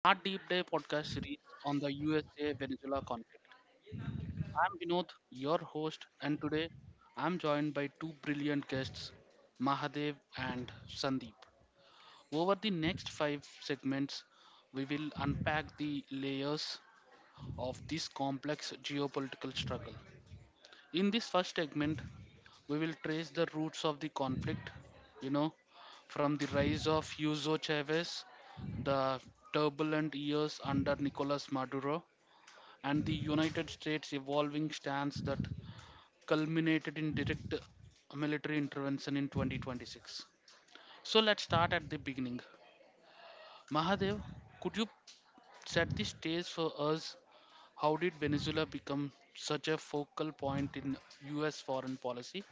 our deep dive podcast series on the USA Venezuela conflict. I'm Vinod, your host, and today I'm joined by two brilliant guests, Mahadev and Sandeep. Over the next five segments, we will unpack the layers of this complex geopolitical struggle. In this first segment, we will trace the roots of the conflict, you know, from the rise of Hugo Chavez, the turbulent years under Nicolas Maduro, and the United States' evolving stance that culminated in direct military intervention in 2026. So let's start at the beginning. Mahadev, could you set the stage for us? How did Venezuela become such a focal point in US foreign policy?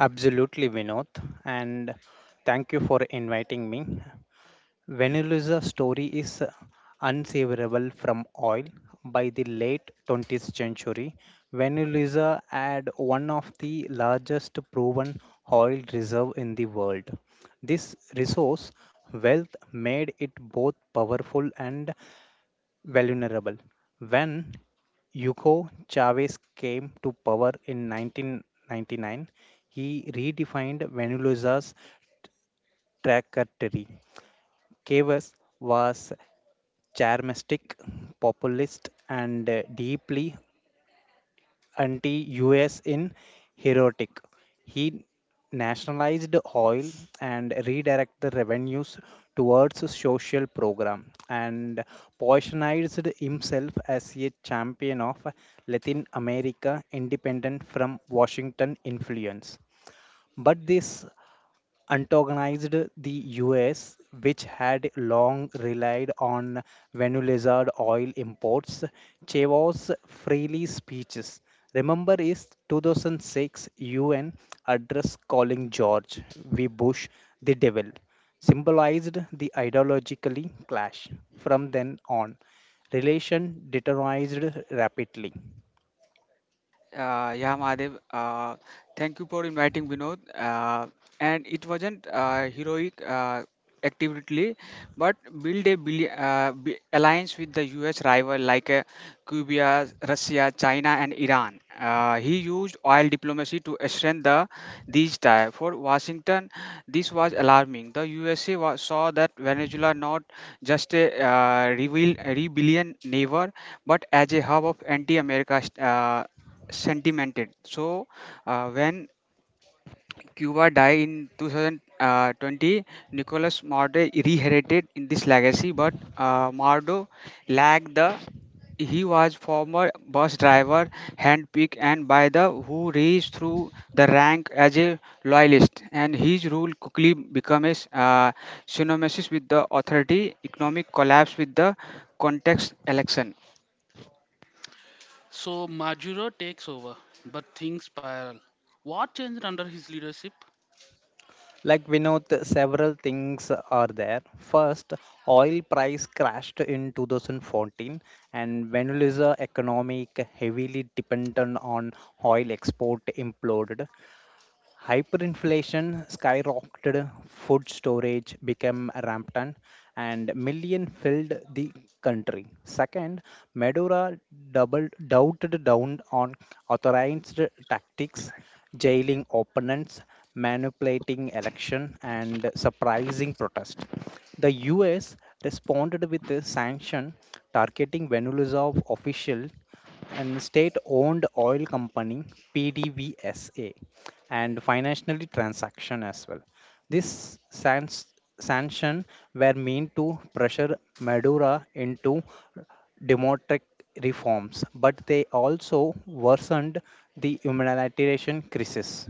Absolutely, Vinod. And thank you for inviting me. Venezuela's story is unseverable from oil. By the late 20th century, Venezuela had one of the largest proven oil reserve in the world. This resource wealth made it both powerful and vulnerable. When Hugo Chavez came to power in 1999, he redefined Venezuela's trajectory. Chavez was charismatic, populist, and deeply anti-US in heroic. He nationalized oil and redirected the revenues towards social program and positioned himself as a champion of Latin America independent from Washington influence. But this antagonized the US, which had long relied on Venezuelan oil imports. Chavez's freely speeches. Remember his 2006 UN address calling George W. Bush the devil, symbolized the ideologically clash. From then on, relation deteriorated rapidly. Yeah, Mahadev. Thank you for inviting Vinod. And it wasn't heroic activity, but build a alliance with the U.S. rival like Cuba, Russia, China, and Iran. He used oil diplomacy to strengthen these ties. For Washington, this was alarming. The USA saw that Venezuela not just a rebellion neighbor, but as a hub of anti-America sentimented. So when Cuba died in 2020, Nicolas Maduro inherited in this legacy, but Maduro lacked the he was former bus driver, handpicked and by the who raised through the rank as a loyalist, and his rule quickly became a synonymous with the authority, economic collapse with the context election. So Majuro takes over, but things spiral. What changed under his leadership? Like Vinod, several things are there. First, oil price crashed in 2014, and Venezuela's economic heavily dependent on oil export imploded. Hyperinflation skyrocketed, food storage became rampant, and million filled the country. Second, Maduro doubted down on authorized tactics, jailing opponents, manipulating election, and surprising protest. The U.S. responded with a sanction targeting Venezuela's official and state-owned oil company, PDVSA, and financially transaction as well. This sanction were meant to pressure Maduro into democratic reforms, but they also worsened the humanitarian crisis.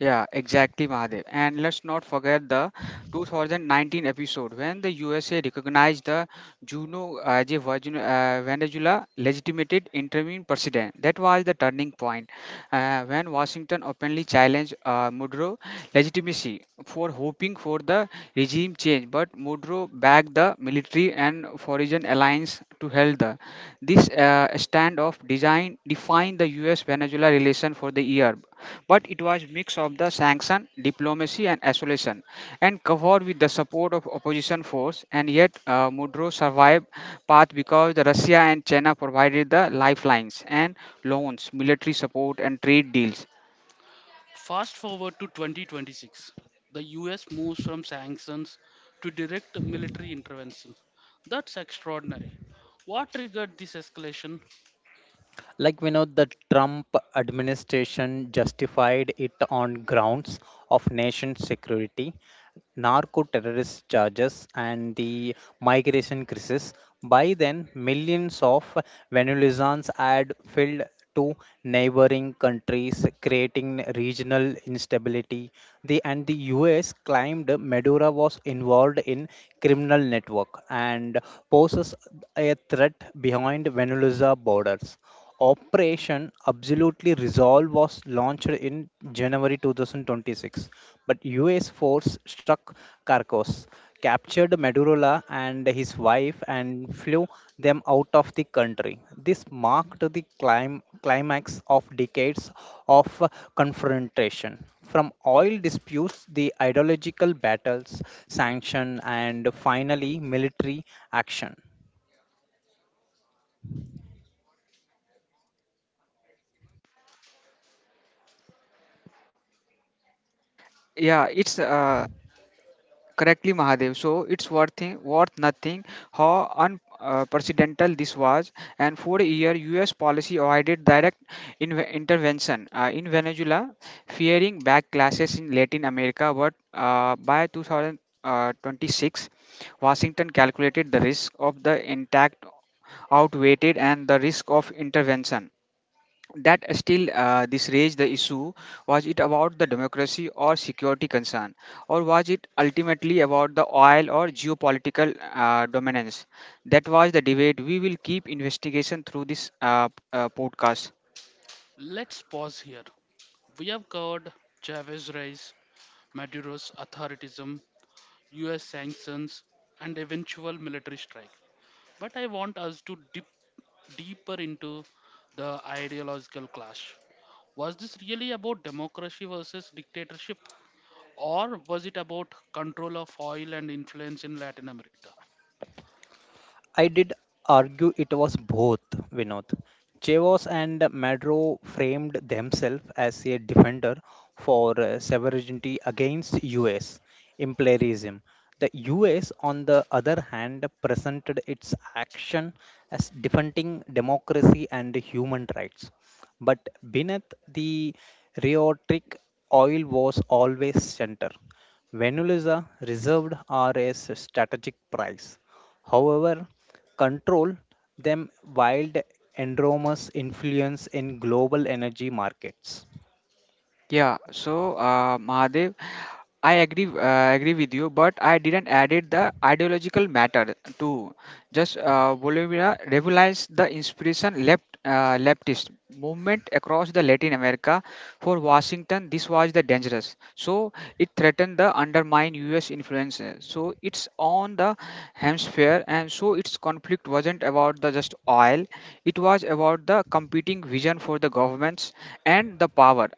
Yeah, exactly, Mahadev. And let's not forget the 2019 episode when the USA recognized the Juno as a Venezuela legitimate interim president. That was the turning point when Washington openly challenged Maduro legitimacy for hoping for the regime change. But Maduro backed the military and foreign alliance to help the. This standoff design defined the U.S.-Venezuela relation for the year but it was mix of the sanction, diplomacy, and isolation, and covered with the support of opposition force. And yet, Mudro survived path because the Russia and China provided the lifelines and loans, military support, and trade deals. Fast forward to 2026. The US moves from sanctions to direct military intervention. That's extraordinary. What triggered this escalation? Like we know, the Trump administration justified it on grounds of nation security, narco terrorist charges, and the migration crisis. By then, millions of Venezuelans had fled to neighboring countries, creating regional instability. The U.S. claimed Maduro was involved in criminal network and poses a threat behind Venezuela borders. Operation Absolutely Resolve was launched in January 2026, but US force struck Carcos, captured Madurola and his wife and flew them out of the country. This marked the climax of decades of confrontation. From oil disputes, the ideological battles, sanction, and finally military action. Yeah, it's correctly mahadev, so it's worth nothing how unprecedented this was. And for a year, us policy avoided direct intervention in venezuela, fearing backlashes in latin america. But by 2026, washington calculated the risk of the intact outweighed and the risk of intervention. That still, this raised the issue, was it about the democracy or security concern, or was it ultimately about the oil or geopolitical dominance? That was the debate we will keep investigation through this podcast. Let's pause here. We have covered Chavez rise, Maduro's authoritarianism, US sanctions, and eventual military strike. But I want us to dip deeper into the ideological clash. Was this really about democracy versus dictatorship? Or was it about control of oil and influence in Latin America? I did argue it was both, Vinod. Chevos and Madro framed themselves as a defender for sovereignty against US imperialism. The US, on the other hand, presented its action as defending democracy and human rights. But beneath the rhetoric, oil was always center. Venezuela reserved are a strategic prize. However, control them wild enormous influence in global energy markets. Mahadev, I agree agree with you, but I didn't added the ideological matter too. Just Bolivia realized the inspiration leftist movement across the Latin America for Washington. This was the dangerous, so it threatened the undermine U.S. influence. So it's on the hemisphere, and so its conflict wasn't about the just oil. It was about the competing vision for the governments and the power.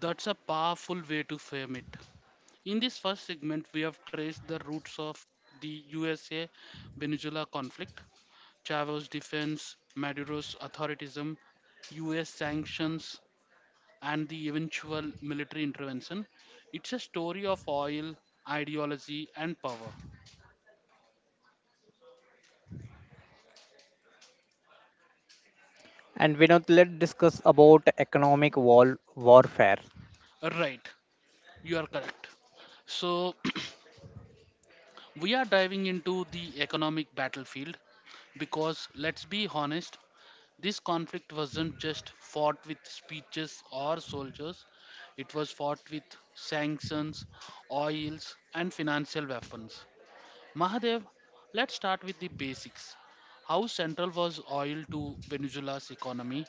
That's a powerful way to frame it. In this first segment, we have traced the roots of the USA Venezuela conflict, Chavez's defense, Maduro's authoritarianism, US sanctions, and the eventual military intervention. It's a story of oil, ideology, and power. And Vinod, let's discuss about economic wall warfare. Right, you are correct. So, we are diving into the economic battlefield because let's be honest, this conflict wasn't just fought with speeches or soldiers, it was fought with sanctions, oils, and financial weapons. Mahadev, let's start with the basics. How central was oil to Venezuela's economy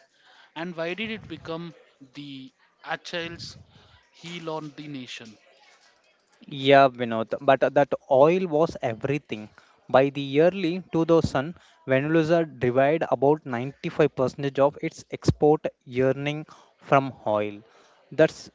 and why did it become the Achilles heel on the nation? Yeah, Vinod, but that oil was everything. By the early 2000, Venezuela derived about 95% of its export yearning from oil. That's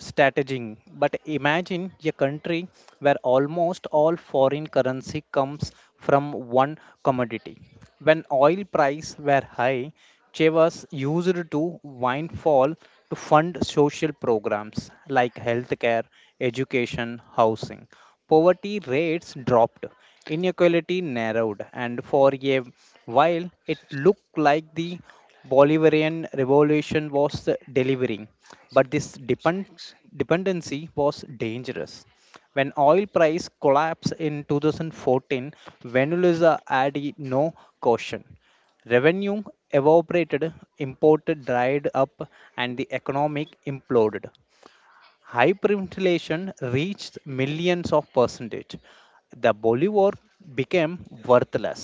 strategizing. But imagine a country where almost all foreign currency comes from one commodity. When oil prices were high, she was used to windfall to fund social programs like healthcare, education, housing. Poverty rates dropped, inequality narrowed, and for a while it looked like the Bolivarian revolution was delivering. But this dependency was dangerous. When oil price collapsed in 2014, Venezuela had no caution. Revenue evaporated, imported dried up, and the economic imploded. Hyperinflation reached millions of percentage. The bolivar became worthless.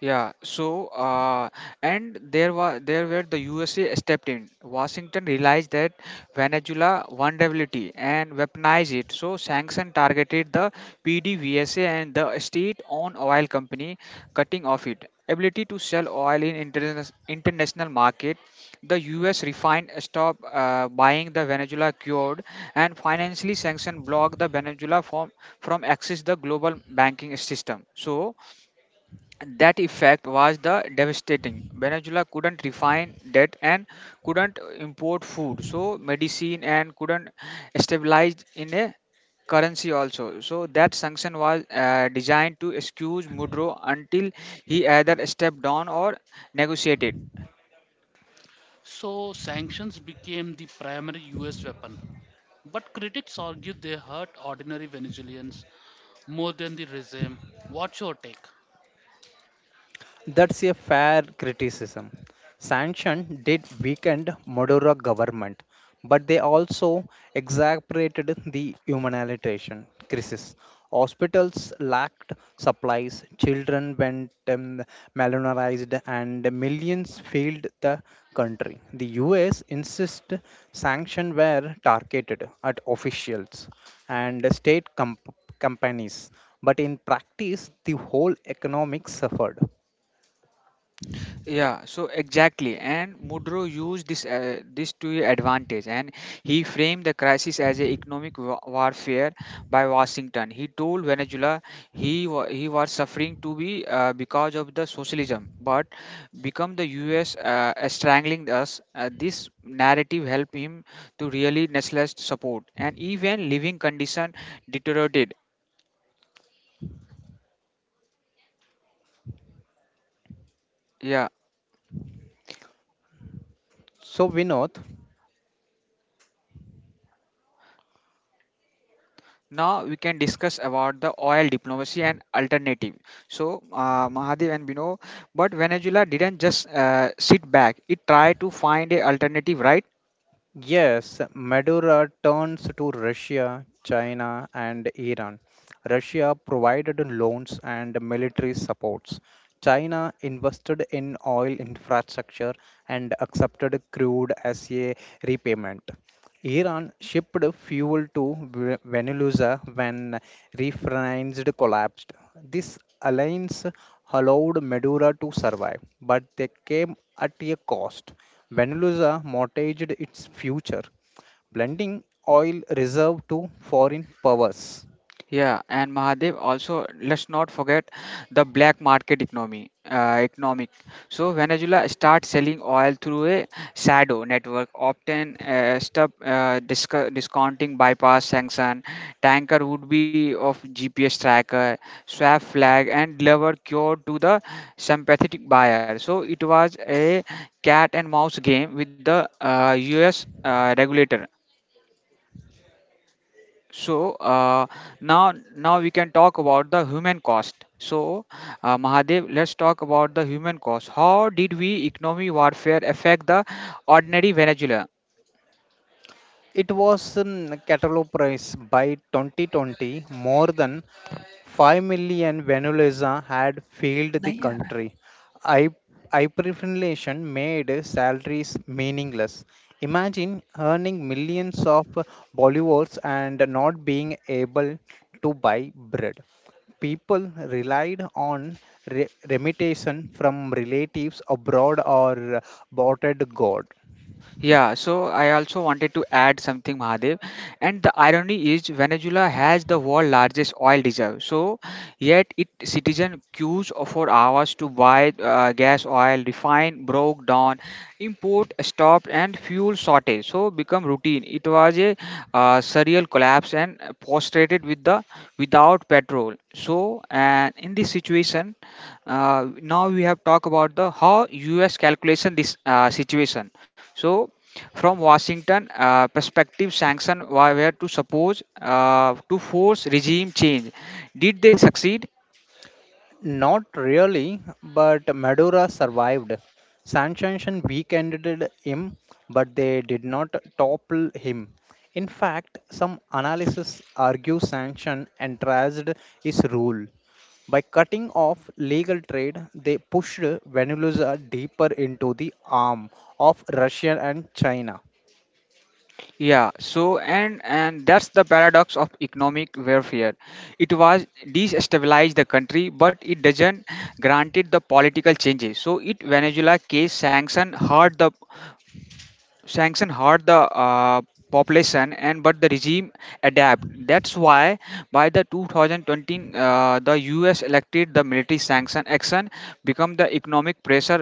Yeah, so uh, and there was there where the USA stepped in. Washington realized that Venezuela vulnerability and weaponized it. So sanction targeted the PDVSA and the state-owned oil company, cutting off it ability to sell oil in international market. The U.S. refined stopped buying the Venezuela cured, and financially sanctioned blocked the Venezuela from access the global banking system. So that effect was the devastating. Venezuela couldn't refine debt and couldn't import food, so medicine, and couldn't stabilize in a currency also. So that sanction was designed to excuse Mudro until he either stepped down or negotiated. So, sanctions became the primary US weapon. But critics argue they hurt ordinary Venezuelans more than the regime. What's your take? That's a fair criticism. Sanction did weaken Maduro government, but they also exacerbated the humanitarian crisis. Hospitals lacked supplies, children went malnourished, and millions failed the country. The U.S. insist sanctions were targeted at officials and state companies, but in practice, the whole economic suffered. Yeah, so exactly, and Mudro used this to advantage, and he framed the crisis as a economic wa- warfare by Washington. He told Venezuela he he was suffering to be because of the socialism, but become the U.S. Strangling us. This narrative helped him to really nestless support, and even living condition deteriorated. Yeah, So, Vinod, now we can discuss about the oil diplomacy and alternative. So Mahadev and Bino, but Venezuela didn't just sit back; it tried to find a alternative, right? yes, Maduro turns to Russia, China, and Iran. Russia provided loans and military supports. China invested in oil infrastructure and accepted crude as a repayment. Iran shipped fuel to Venezuela when refineries collapsed. This alliance allowed Maduro to survive, but they came at a cost. Venezuela mortgaged its future, lending oil reserve to foreign powers. Yeah, and Mahadev also let's not forget the black market economic. So Venezuela starts selling oil through a shadow network, often discounting bypass sanction. Tanker would be of GPS tracker, swap flag, and deliver cure to the sympathetic buyer. So it was a cat and mouse game with the U.S. Regulator. So now we can talk about the human cost. So Mahadev, let's talk about the human cost. How did we economic warfare affect the ordinary Venezuelan? It was catalog price by 2020. More than 5 million Venezuelans had failed the country. Hy- Hyperinflation made salaries meaningless. Imagine earning millions of bolivars and not being able to buy bread. People relied on remittation from relatives abroad or bought at God. Yeah, so I also wanted to add something, Mahadev. And the irony is Venezuela has the world largest oil reserve. So yet it citizen queues for hours to buy gas, oil, refine, broke down, import stopped, and fuel shortage. So become routine. It was a surreal collapse and prostrated with the without petrol. So and in this situation, now we have talked about the how U.S. calculation this situation. So from Washington perspective, sanctions were to suppose to force regime change. Did they succeed? Not really, but Madura survived. Sanction weakened him, but they did not topple him. In fact, some analysis argue Sanction entrased his rule. By cutting off legal trade, they pushed Venezuela deeper into the arm of Russia and China. Yeah. So and that's the paradox of economic warfare. It was destabilized the country, but it doesn't granted the political changes. So it Venezuela case sanction hard the uh, population, and but the regime adapt. That's why by the 2020, the us elected the military sanction action become the economic pressure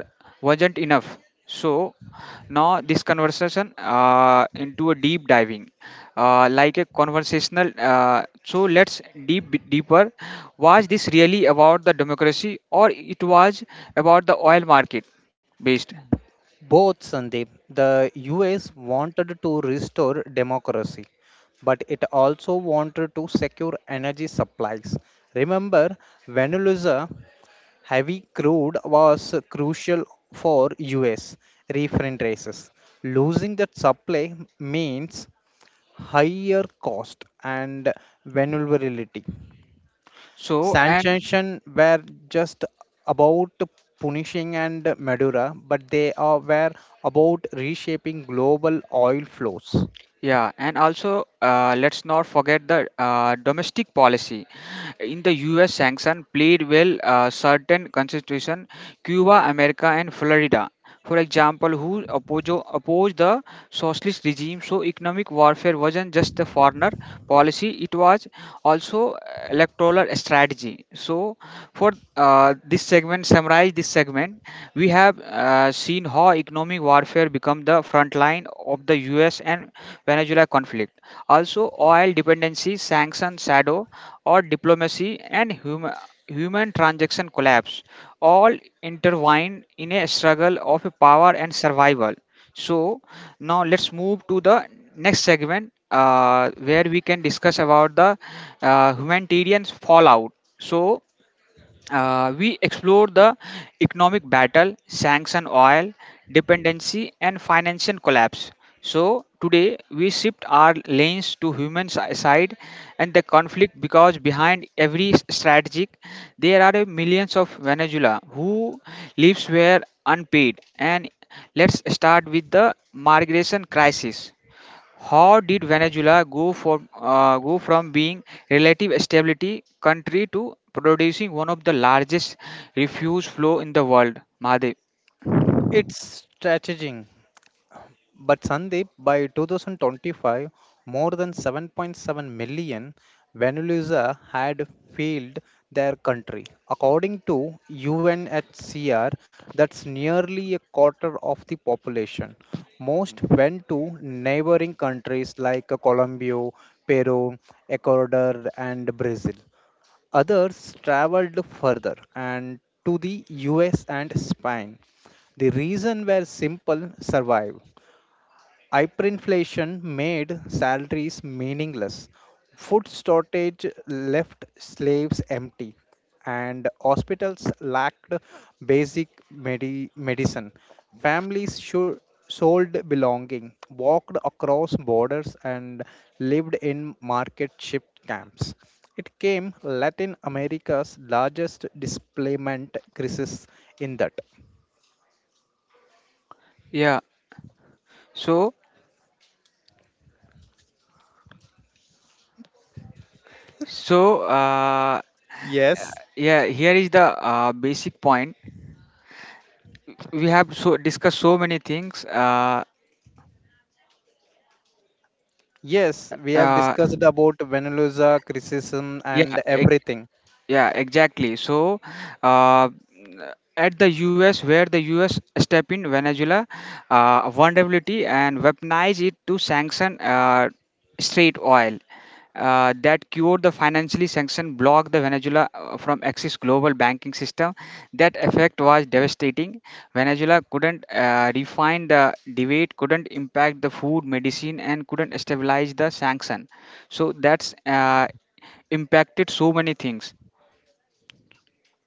wasn't enough. So now this conversation into a deep diving, like a conversational. So let's deeper, was this really about the democracy, or it was about the oil market based? Both, Sandeep. The US wanted to restore democracy, but it also wanted to secure energy supplies. Remember, Venezuela heavy crude was crucial for US refined races. Losing that supply means higher cost and vulnerability. So and Sanctions were just about punishing and Madura, but they were about reshaping global oil flows. yeah, and also let's not forget the domestic policy. In the U.S., sanction played well certain constitution, Cuba, America, and Florida. For example, who opposed the socialist regime? So economic warfare wasn't just the foreigner policy; it was also electoral strategy. So so, for this segment, summarize this segment, we have seen how economic warfare become the front line of the U.S. and Venezuela conflict. Also, oil dependency, sanction shadow, or diplomacy and human transaction collapse, all intertwined in a struggle of power and survival. So, now let's move to the next segment, where we can discuss about the humanitarian fallout. So we explore the economic battle, sanction oil, dependency, and financial collapse. So, today we shift our lanes to human side and the conflict, because behind every strategic there are a millions of Venezuela who lives were unpaid. And let's start with the migration crisis. How did Venezuela go from being relative stability country to producing one of the largest refuse flow in the world? Mahadev. It's strategic. But Sandeep, by 2025, more than 7.7 million Venezuelans had fled their country. According to UNHCR, that's nearly a quarter of the population. Most went to neighboring countries like Colombia, Peru, Ecuador, and Brazil. Others traveled further and to the US and Spain. The reason were simple survive. Hyperinflation made salaries meaningless. Food shortage left slaves empty, and hospitals lacked basic medicine. Families should, sold belonging, walked across borders, and lived in market shift camps. It came Latin America's largest displacement crisis in that. Yeah. So so uh, Yes. yeah. Here is the basic point. We have so discussed so many things. Yes, we have uh, discussed about Venezuela criticism and yeah. everything. Yeah, exactly. So, uh, at the US, where the US step in Venezuela vulnerability and weaponize it to sanction straight oil. That cured the financially sanction block the Venezuela from access global banking system. That effect was devastating. Venezuela couldn't refine the debate, couldn't impact the food, medicine, and couldn't stabilize the sanction. So that's impacted so many things.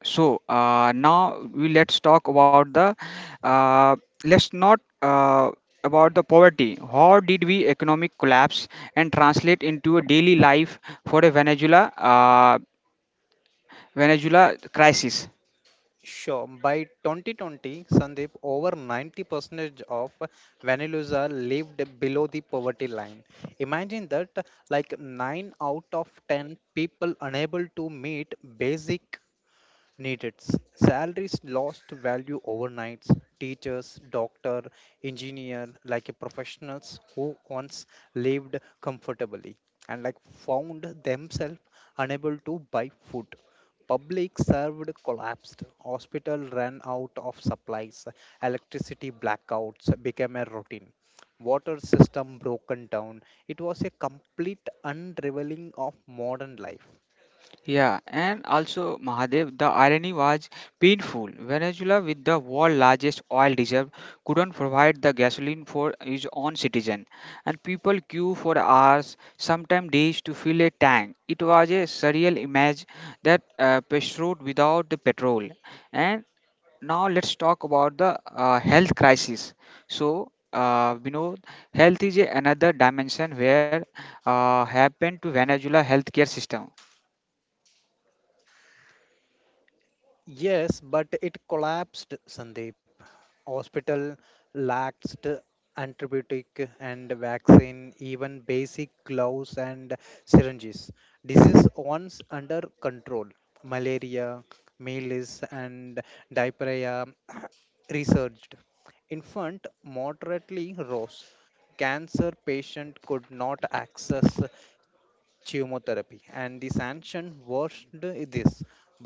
So now we let's talk about the uh, let's not about the poverty. How did we economic collapse and translate into a daily life for a Venezuela crisis? Sure, by 2020, Sandeep, over 90% of Venezuela lived below the poverty line. Imagine that, like 9 out of 10 people unable to meet basic needed. Salaries lost value overnight. Teachers, doctor, engineer, like a professionals who once lived comfortably and like found themselves unable to buy food. Public served collapsed. Hospital ran out of supplies. Electricity blackouts became a routine. Water system broken down. It was a complete unraveling of modern life. Yeah, and also Mahadev, the irony was painful. Venezuela, with the world's largest oil reserve, couldn't provide the gasoline for its own citizen, and people queue for hours, sometimes days, to fill a tank. It was a surreal image that pursued without the petrol. And now let's talk about the health crisis. So. We know health is a another dimension where happened to Venezuela healthcare system. Yes, but it collapsed, Sandeep. Hospital lacked antibiotic and vaccine, even basic gloves and syringes. Disease once under control, malaria, measles, and diarrhea resurged. Infant moderately rose. Cancer patient could not access chemotherapy and the sanction worsened this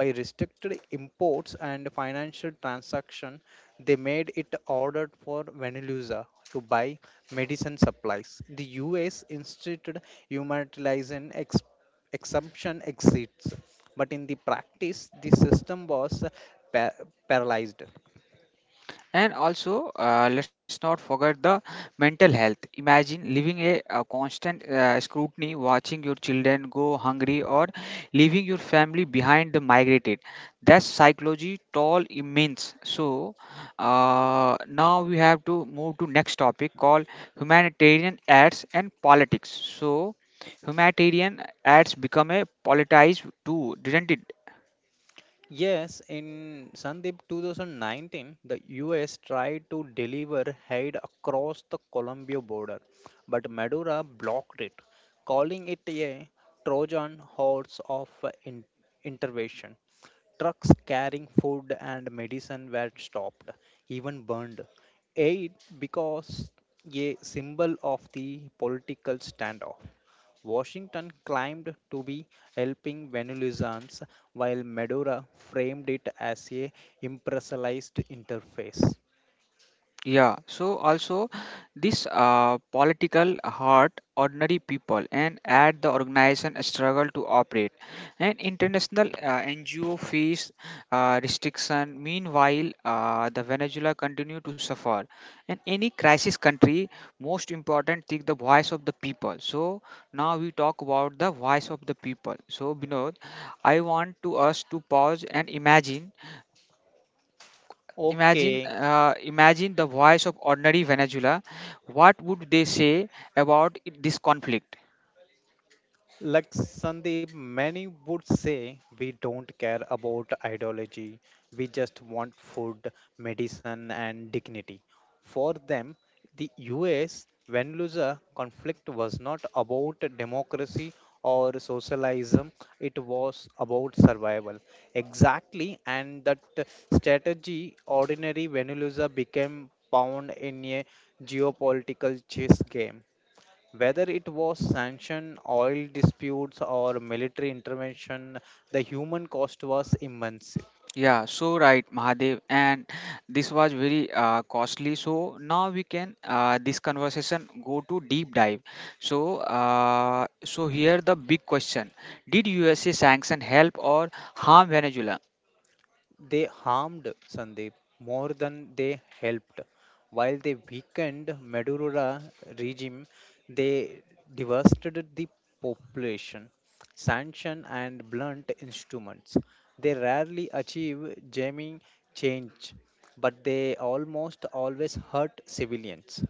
by restricted imports and financial transaction. They made it ordered for Venezuela to buy medicine supplies. The US instituted humanitarian exemption exits, but in the practice the system was pa- paralyzed. And also, let's not forget the mental health. Imagine living a constant scrutiny, watching your children go hungry, or leaving your family behind the migrated. That's psychology tall immense. So now we have to move to next topic called humanitarian aids and politics. So humanitarian aids become a politicized too, didn't it? Yes, in Sandeep 2019, the US tried to deliver aid across the Colombia border, but Maduro blocked it, calling it a Trojan horse of in- intervention. Trucks carrying food and medicine were stopped, even burned. Aid because a symbol of the political standoff. Washington claimed to be helping Venezuelans, while Maduro framed it as a impersonalized interface. Yeah, so also this political hurt ordinary people and at the organization struggle to operate. And international NGO face restriction. Meanwhile, the Venezuela continue to suffer. And any crisis country, most important thing the voice of the people. So now we talk about the voice of the people. So Binod, I want to us to pause and imagine. Imagine, Okay. Imagine the voice of ordinary Venezuela. What would they say about this conflict? Like Sandeep, many would say we don't care about ideology, we just want food, medicine, and dignity. For them, the US Venezuela conflict was not about democracy or socialism, it was about survival. Exactly, and that strategy, ordinary Venezuela became pawned in a geopolitical chess game. Whether it was sanction, oil disputes, or military intervention, the human cost was immense. Yeah, so right, Mahadev, and this was very costly. So now we can this conversation go to deep dive. So, here the big question: Did USA sanction help or harm Venezuela? They harmed Sandeep more than they helped. While they weakened Maduro regime, they devastated the population. Sanction and blunt instruments. They rarely achieve genuine change, but they almost always hurt civilians.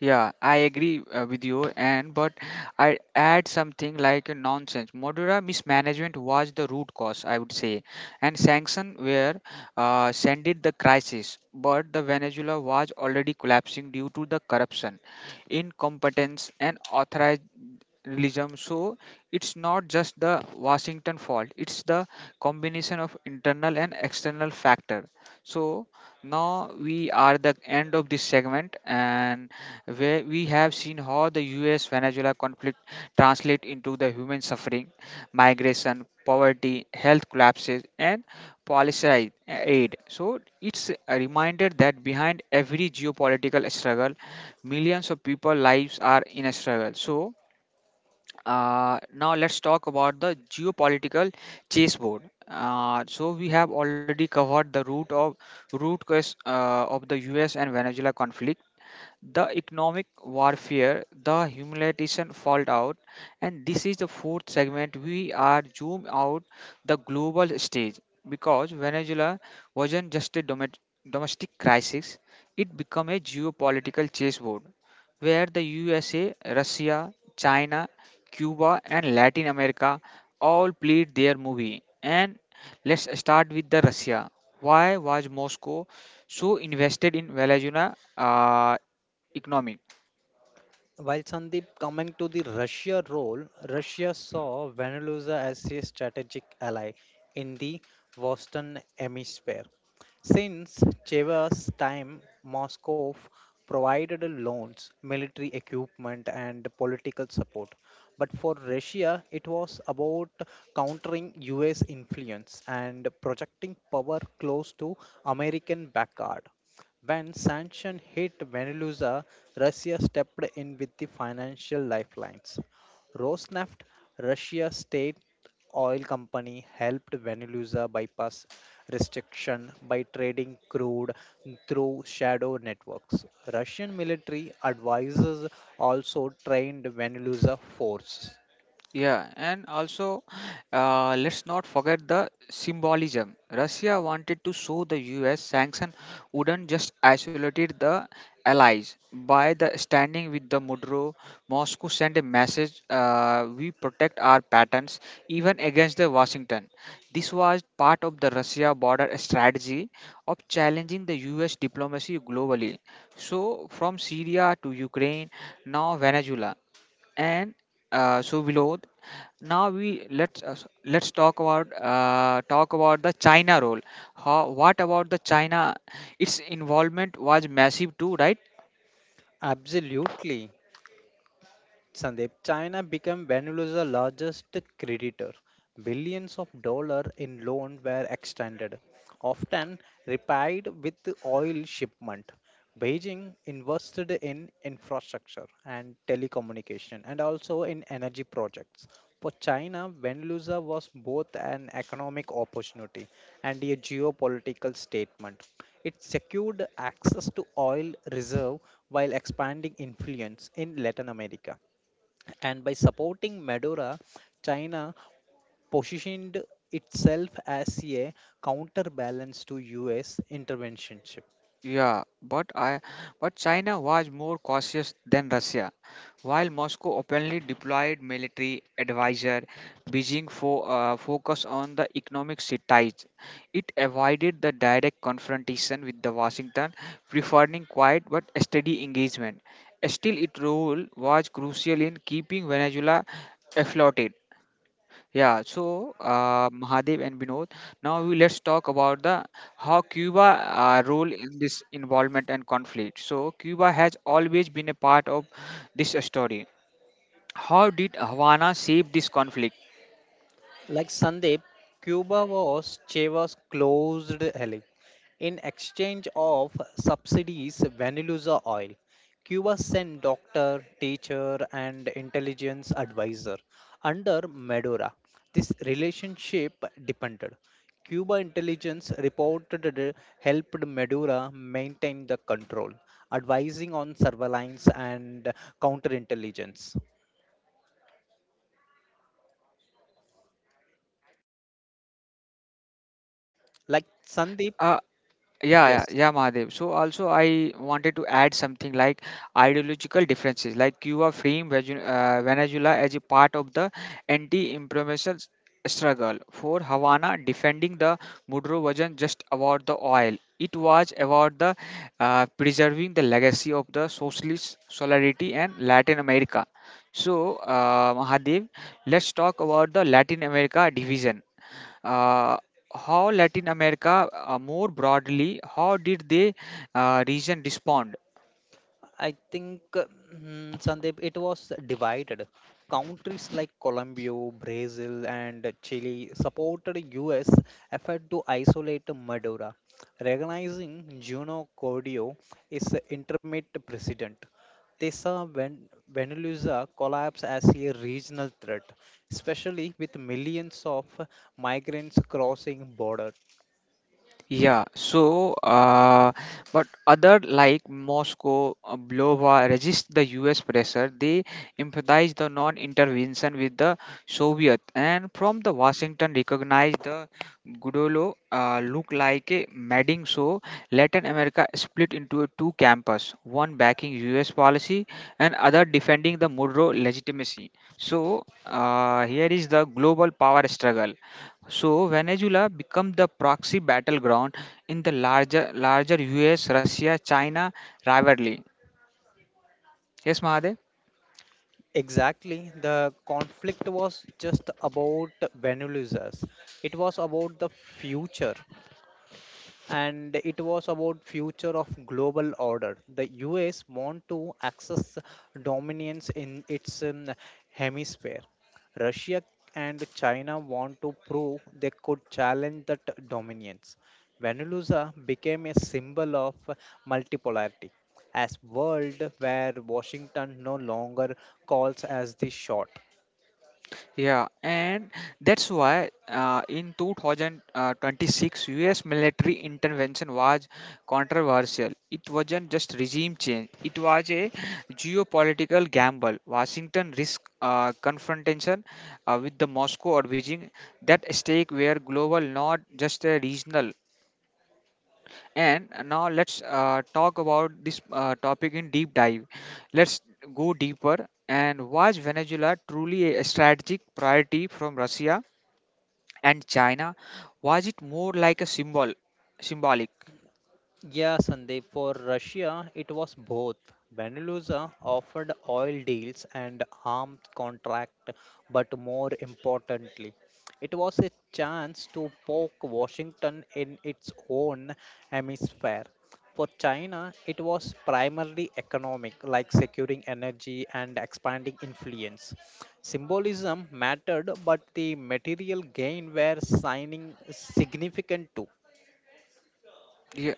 Yeah, I agree with you, and but I add something like a nonsense. Modura mismanagement was the root cause, I would say, and sanction were sended the crisis. But the Venezuela was already collapsing due to the corruption, incompetence, and authoritarianism. So it's not just the Washington fault; it's the combination of internal and external factor. So now we are the end of this segment, and where we have seen how the US Venezuela conflict translate into the human suffering, migration, poverty, health collapses, and policy aid. So it's a reminder that behind every geopolitical struggle, millions of people lives are in a struggle. So now let's talk about the geopolitical chessboard. So we have already covered the root cause of the U.S. and Venezuela conflict, the economic warfare, the humiliation fallout, and this is the fourth segment. We are zoom out the global stage because Venezuela wasn't just a domestic crisis; it became a geopolitical chessboard where the USA, Russia, China, Cuba, and Latin America all played their movie. And let's start with the Russia. Why was Moscow so invested in Venezuela? Economy. While Sandeep coming to the Russia role, Russia saw Venezuela as a strategic ally in the Western Hemisphere. Since Chavez's time, Moscow provided loans, military equipment, and political support. But for Russia, it was about countering US influence and projecting power close to American backyard. When sanctions hit Venezuela, Russia stepped in with the financial lifelines. Rosneft, Russia's state oil company, helped Venezuela bypass restriction by trading crude through shadow networks. Russian military advisors also trained Venezuela force. Yeah, and also let's not forget the symbolism. Russia wanted to show the US sanction wouldn't just isolate the allies. By the standing with the Mudro, Moscow sent a message, we protect our patents even against the Washington. This was part of the Russia border strategy of challenging the US diplomacy globally. So from Syria to Ukraine, now Venezuela. And uh, so below, now we let's talk about the China role. How, what about the China? Its involvement was massive too, right? Absolutely. Sandeep, China became Venezuela's largest creditor. Billions of dollars in loans were extended, often repaid with oil shipment. Beijing invested in infrastructure and telecommunication and also in energy projects. For China, Venezuela was both an economic opportunity and a geopolitical statement. It secured access to oil reserve while expanding influence in Latin America and by supporting Medora, China positioned itself as a counterbalance to US interventionship. Yeah, but China was more cautious than Russia. While Moscow openly deployed military advisor, Beijing focused on the economic ties. It avoided the direct confrontation with the Washington, preferring quiet but steady engagement. Still, its role was crucial in keeping Venezuela afloat. Yeah, so Mahadev and Vinod. Now we let's talk about the how Cuba role in this involvement and conflict. So Cuba has always been a part of this story. How did Havana shape this conflict? Like Sandeep, Cuba was Cheva's closed ally. In exchange of subsidies, Venezuela oil, Cuba sent doctor, teacher, and intelligence advisor under Medora. This relationship depended. Cuba intelligence reported it helped Medora maintain the control, advising on surveillance and counterintelligence. Like Sandeep, Uh, Yeah, yeah, yes. yeah, Mahadev. So also I wanted to add something like ideological differences, like you are freeing Venezuela as a part of the anti imperialist struggle. For Havana, defending the Maduro wasn't just about the oil; it was about the preserving the legacy of the socialist solidarity and Latin America. So, Mahadev, let's talk about the Latin America division. uh, how Latin America, more broadly, how did the region respond? I think Sandeep, it was divided. Countries like Colombia, Brazil, and Chile supported U.S. effort to isolate Maduro, recognizing Juno Cordio is intermediate president. They saw Venezuela collapse as a regional threat, especially with millions of migrants crossing border. Yeah, so but other like Moscow, Blova resist the U.S. pressure. They emphasized the non-intervention with the Soviet, and from the Washington recognized the Gudolo look like a madding. So Latin America split into two camps, one backing U.S. policy and other defending the Maduro legitimacy. So here is the global power struggle. So Venezuela became the proxy battleground in the larger US Russia China rivalry. Yes, Mahadev? Exactly. The conflict was just about Venezuela's. It was about the future and it was about future of global order. The US want to access dominance in its hemisphere. Russia and China want to prove they could challenge that dominance. Venezuela became a symbol of multipolarity, as world where Washington no longer calls as the shot. Yeah, and that's why in 2026 US military intervention was controversial. It wasn't just regime change, it was a geopolitical gamble. Washington risked confrontation with the Moscow or Beijing. That stake were global, not just a regional. And now let's talk about this topic in deep dive. Let's go deeper and was Venezuela truly a strategic priority from Russia and China? Was it more like symbolic? Yeah, Sandeep, for Russia, it was both. Venezuela offered oil deals and arms contract, but more importantly, it was a chance to poke Washington in its own hemisphere. For China, it was primarily economic, like securing energy and expanding influence. Symbolism mattered, but the material gain were signing significant too. Yeah,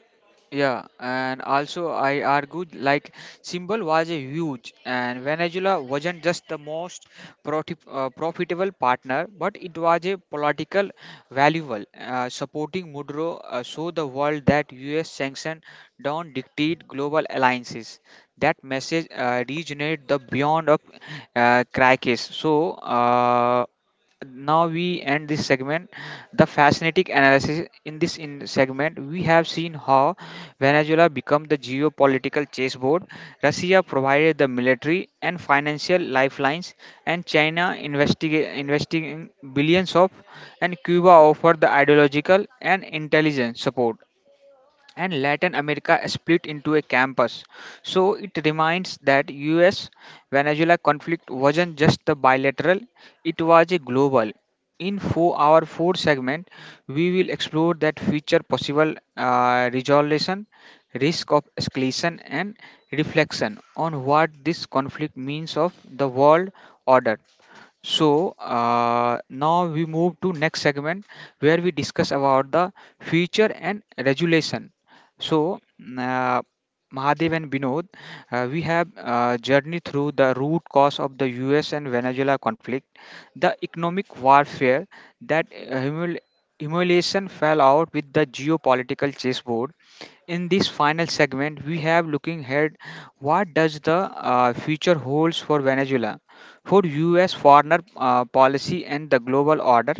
yeah, and also I argued like symbol was a huge, and Venezuela wasn't just the most profitable partner, but it was a political valuable. Supporting Maduro show the world that U.S. sanctions don't dictate global alliances. That message resonated the beyond of crisis. So. Now we end this segment, the fascinating analysis. In this in segment, we have seen how Venezuela became the geopolitical chessboard, Russia provided the military and financial lifelines, and China investing billions of, and Cuba offered the ideological and intelligence support, and Latin America split into a campus. So it reminds that US Venezuela conflict wasn't just the bilateral, it was a global. In our fourth segment, we will explore that future possible resolution, risk of escalation, and reflection on what this conflict means of the world order. So now we move to next segment where we discuss about the future and regulation. So uh, Mahadev and Binod, we have journeyed through the root cause of the U.S. and Venezuela conflict, the economic warfare that humiliation fell out with the geopolitical chessboard. In this final segment, we have looking ahead. What does the future holds for Venezuela? For US foreign policy and the global order.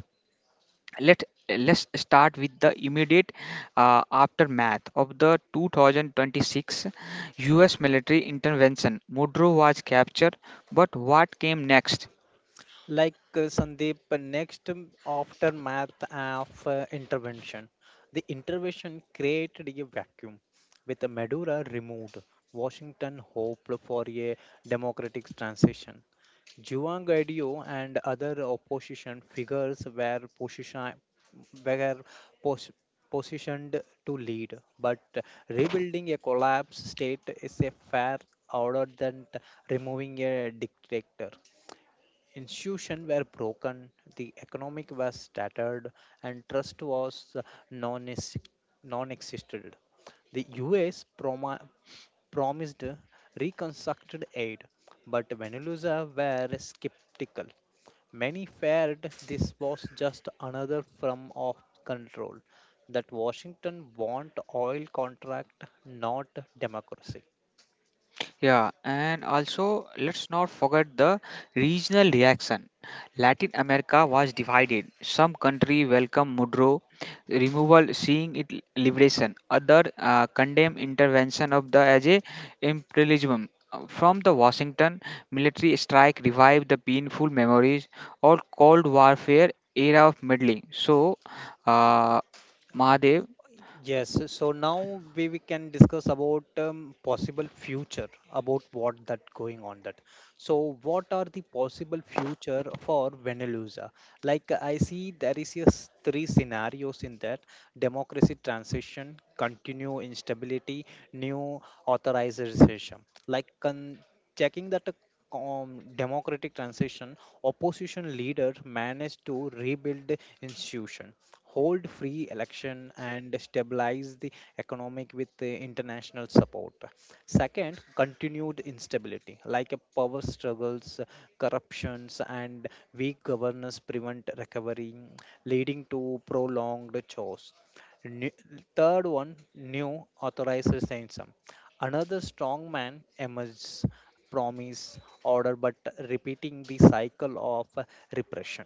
Let let's start with the immediate aftermath of the 2026 US military intervention. Mudro was captured, but what came next? Sandeep, next aftermath of intervention. The intervention created a vacuum. With the Madura removed, Washington hoped for a democratic transition. Juan Guaido and other opposition figures were were pos- positioned to lead, but rebuilding a collapsed state is a fair order than removing a dictator. Institutions were broken, the economic was shattered, and trust was non existed. The US promised reconstructed aid, but Venezuela were skeptical. Many feared this was just another form of control, that Washington want oil contract, not democracy. Yeah, and also let's not forget the regional reaction. Latin America was divided. Some country welcomed Mudro removal, seeing it liberation. Other condemn intervention of the as a imperialism. From the Washington military strike revived the painful memories or Cold Warfare era of meddling. So, uh, Mahadev, Yes, so now we can discuss about possible future about what that going on that. So what are the possible future for Venezuela? Like I see there is a three scenarios in that: democracy transition, continue instability, new authorization. Like checking that a democratic transition, opposition leaders managed to rebuild the institution hold free election and stabilize the economic with the international support. Second, continued instability like a power struggles, corruptions, and weak governance prevent recovery, leading to prolonged chores. New, third one, new authorized sanction. Another strong man emerges, promise order, but repeating the cycle of repression.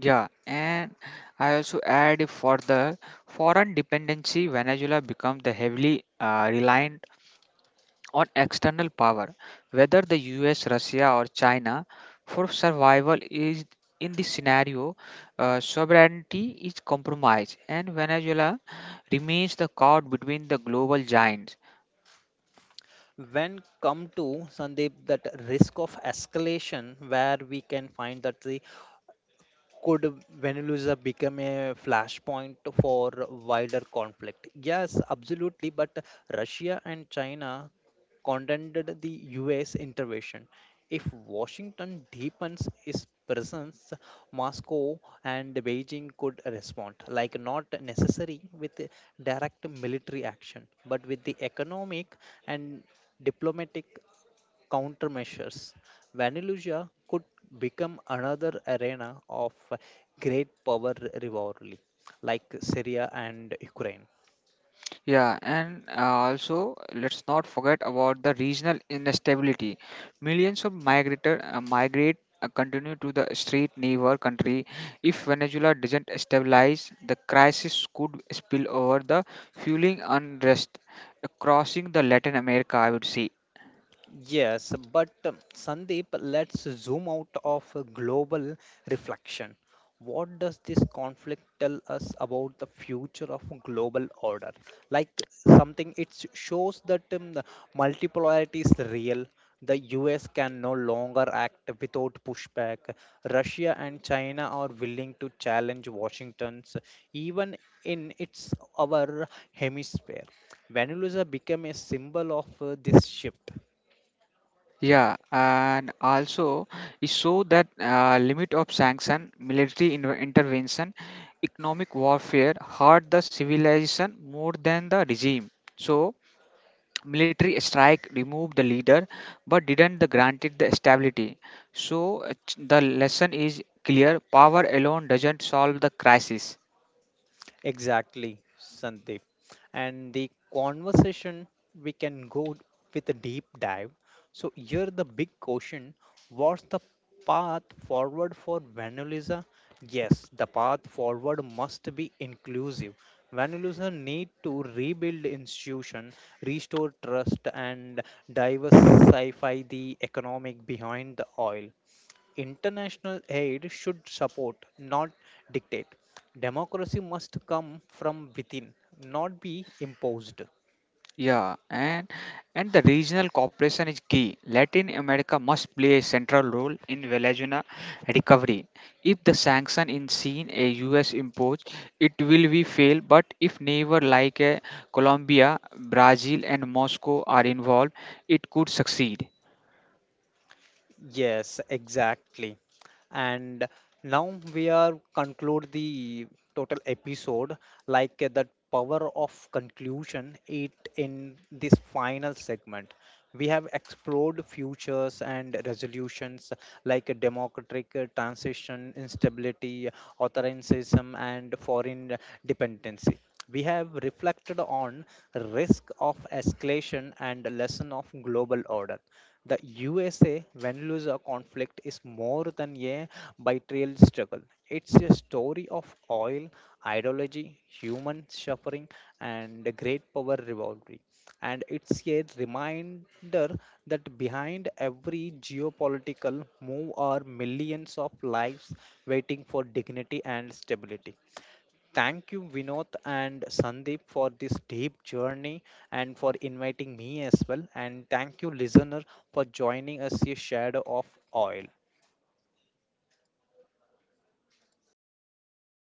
yeah, and I also add further foreign dependency. Venezuela becomes the heavily reliant on external power, whether the U.S., Russia, or China, for survival. Is in this scenario, sovereignty is compromised, and Venezuela remains the caught between the global giants. When come to Sandeep, that risk of escalation, where we can find that the could Venezuela become a flashpoint for wider conflict? Yes, absolutely, but Russia and China condemned the US intervention. If Washington deepens its presence, Moscow and Beijing could respond, like not necessary with direct military action, but with the economic and diplomatic countermeasures. Venezuela could become another arena of great power rivalry, like Syria and Ukraine. Yeah, and also let's not forget about the regional instability. Millions of migrator migrate continue to the street neighbor country. If Venezuela doesn't stabilize, the crisis could spill over the fueling unrest crossing the Latin America, I would say. Yes, but Sandeep, let's zoom out of a global reflection. What does this conflict tell us about the future of global order? Like something, it shows that the multipolarity is real. The US can no longer act without pushback. Russia and China are willing to challenge Washington's, even in its our hemisphere. Venezuela became a symbol of this shift. Yeah, and also it show that limit of sanction, military intervention, economic warfare hurt the civilization more than the regime. So military strike removed the leader but didn't the granted the stability. So the lesson is clear, power alone doesn't solve the crisis. Exactly, Sandeep. And the conversation we can go with a deep dive. So here the big question, what's the path forward for Vanuliza? Yes, the path forward must be inclusive. Vanuliza need to rebuild institution, restore trust and diversify the economic behind the oil. International aid should support, not dictate. Democracy must come from within, not be imposed. Yeah, and the regional cooperation is key. Latin America must play a central role in Venezuela recovery. If the sanction in seen a US imposed, it will be fail. But if neighbor like Colombia, Brazil, and Moscow are involved, it could succeed. Yes, exactly. And now we are conclude the total episode like that power of conclusion it in this final segment. We have explored futures and resolutions like a democratic transition, instability, authoritarianism, and foreign dependency. We have reflected on risk of escalation and lesson of global order. The USA win lose conflict is more than a bilateral struggle. It's a story of oil, ideology, human suffering, and a great power rivalry. And it's a reminder that behind every geopolitical move are millions of lives waiting for dignity and stability. Thank you, Vinod and Sandeep, for this deep journey and for inviting me as well. And thank you, listener, for joining us a shadow of oil.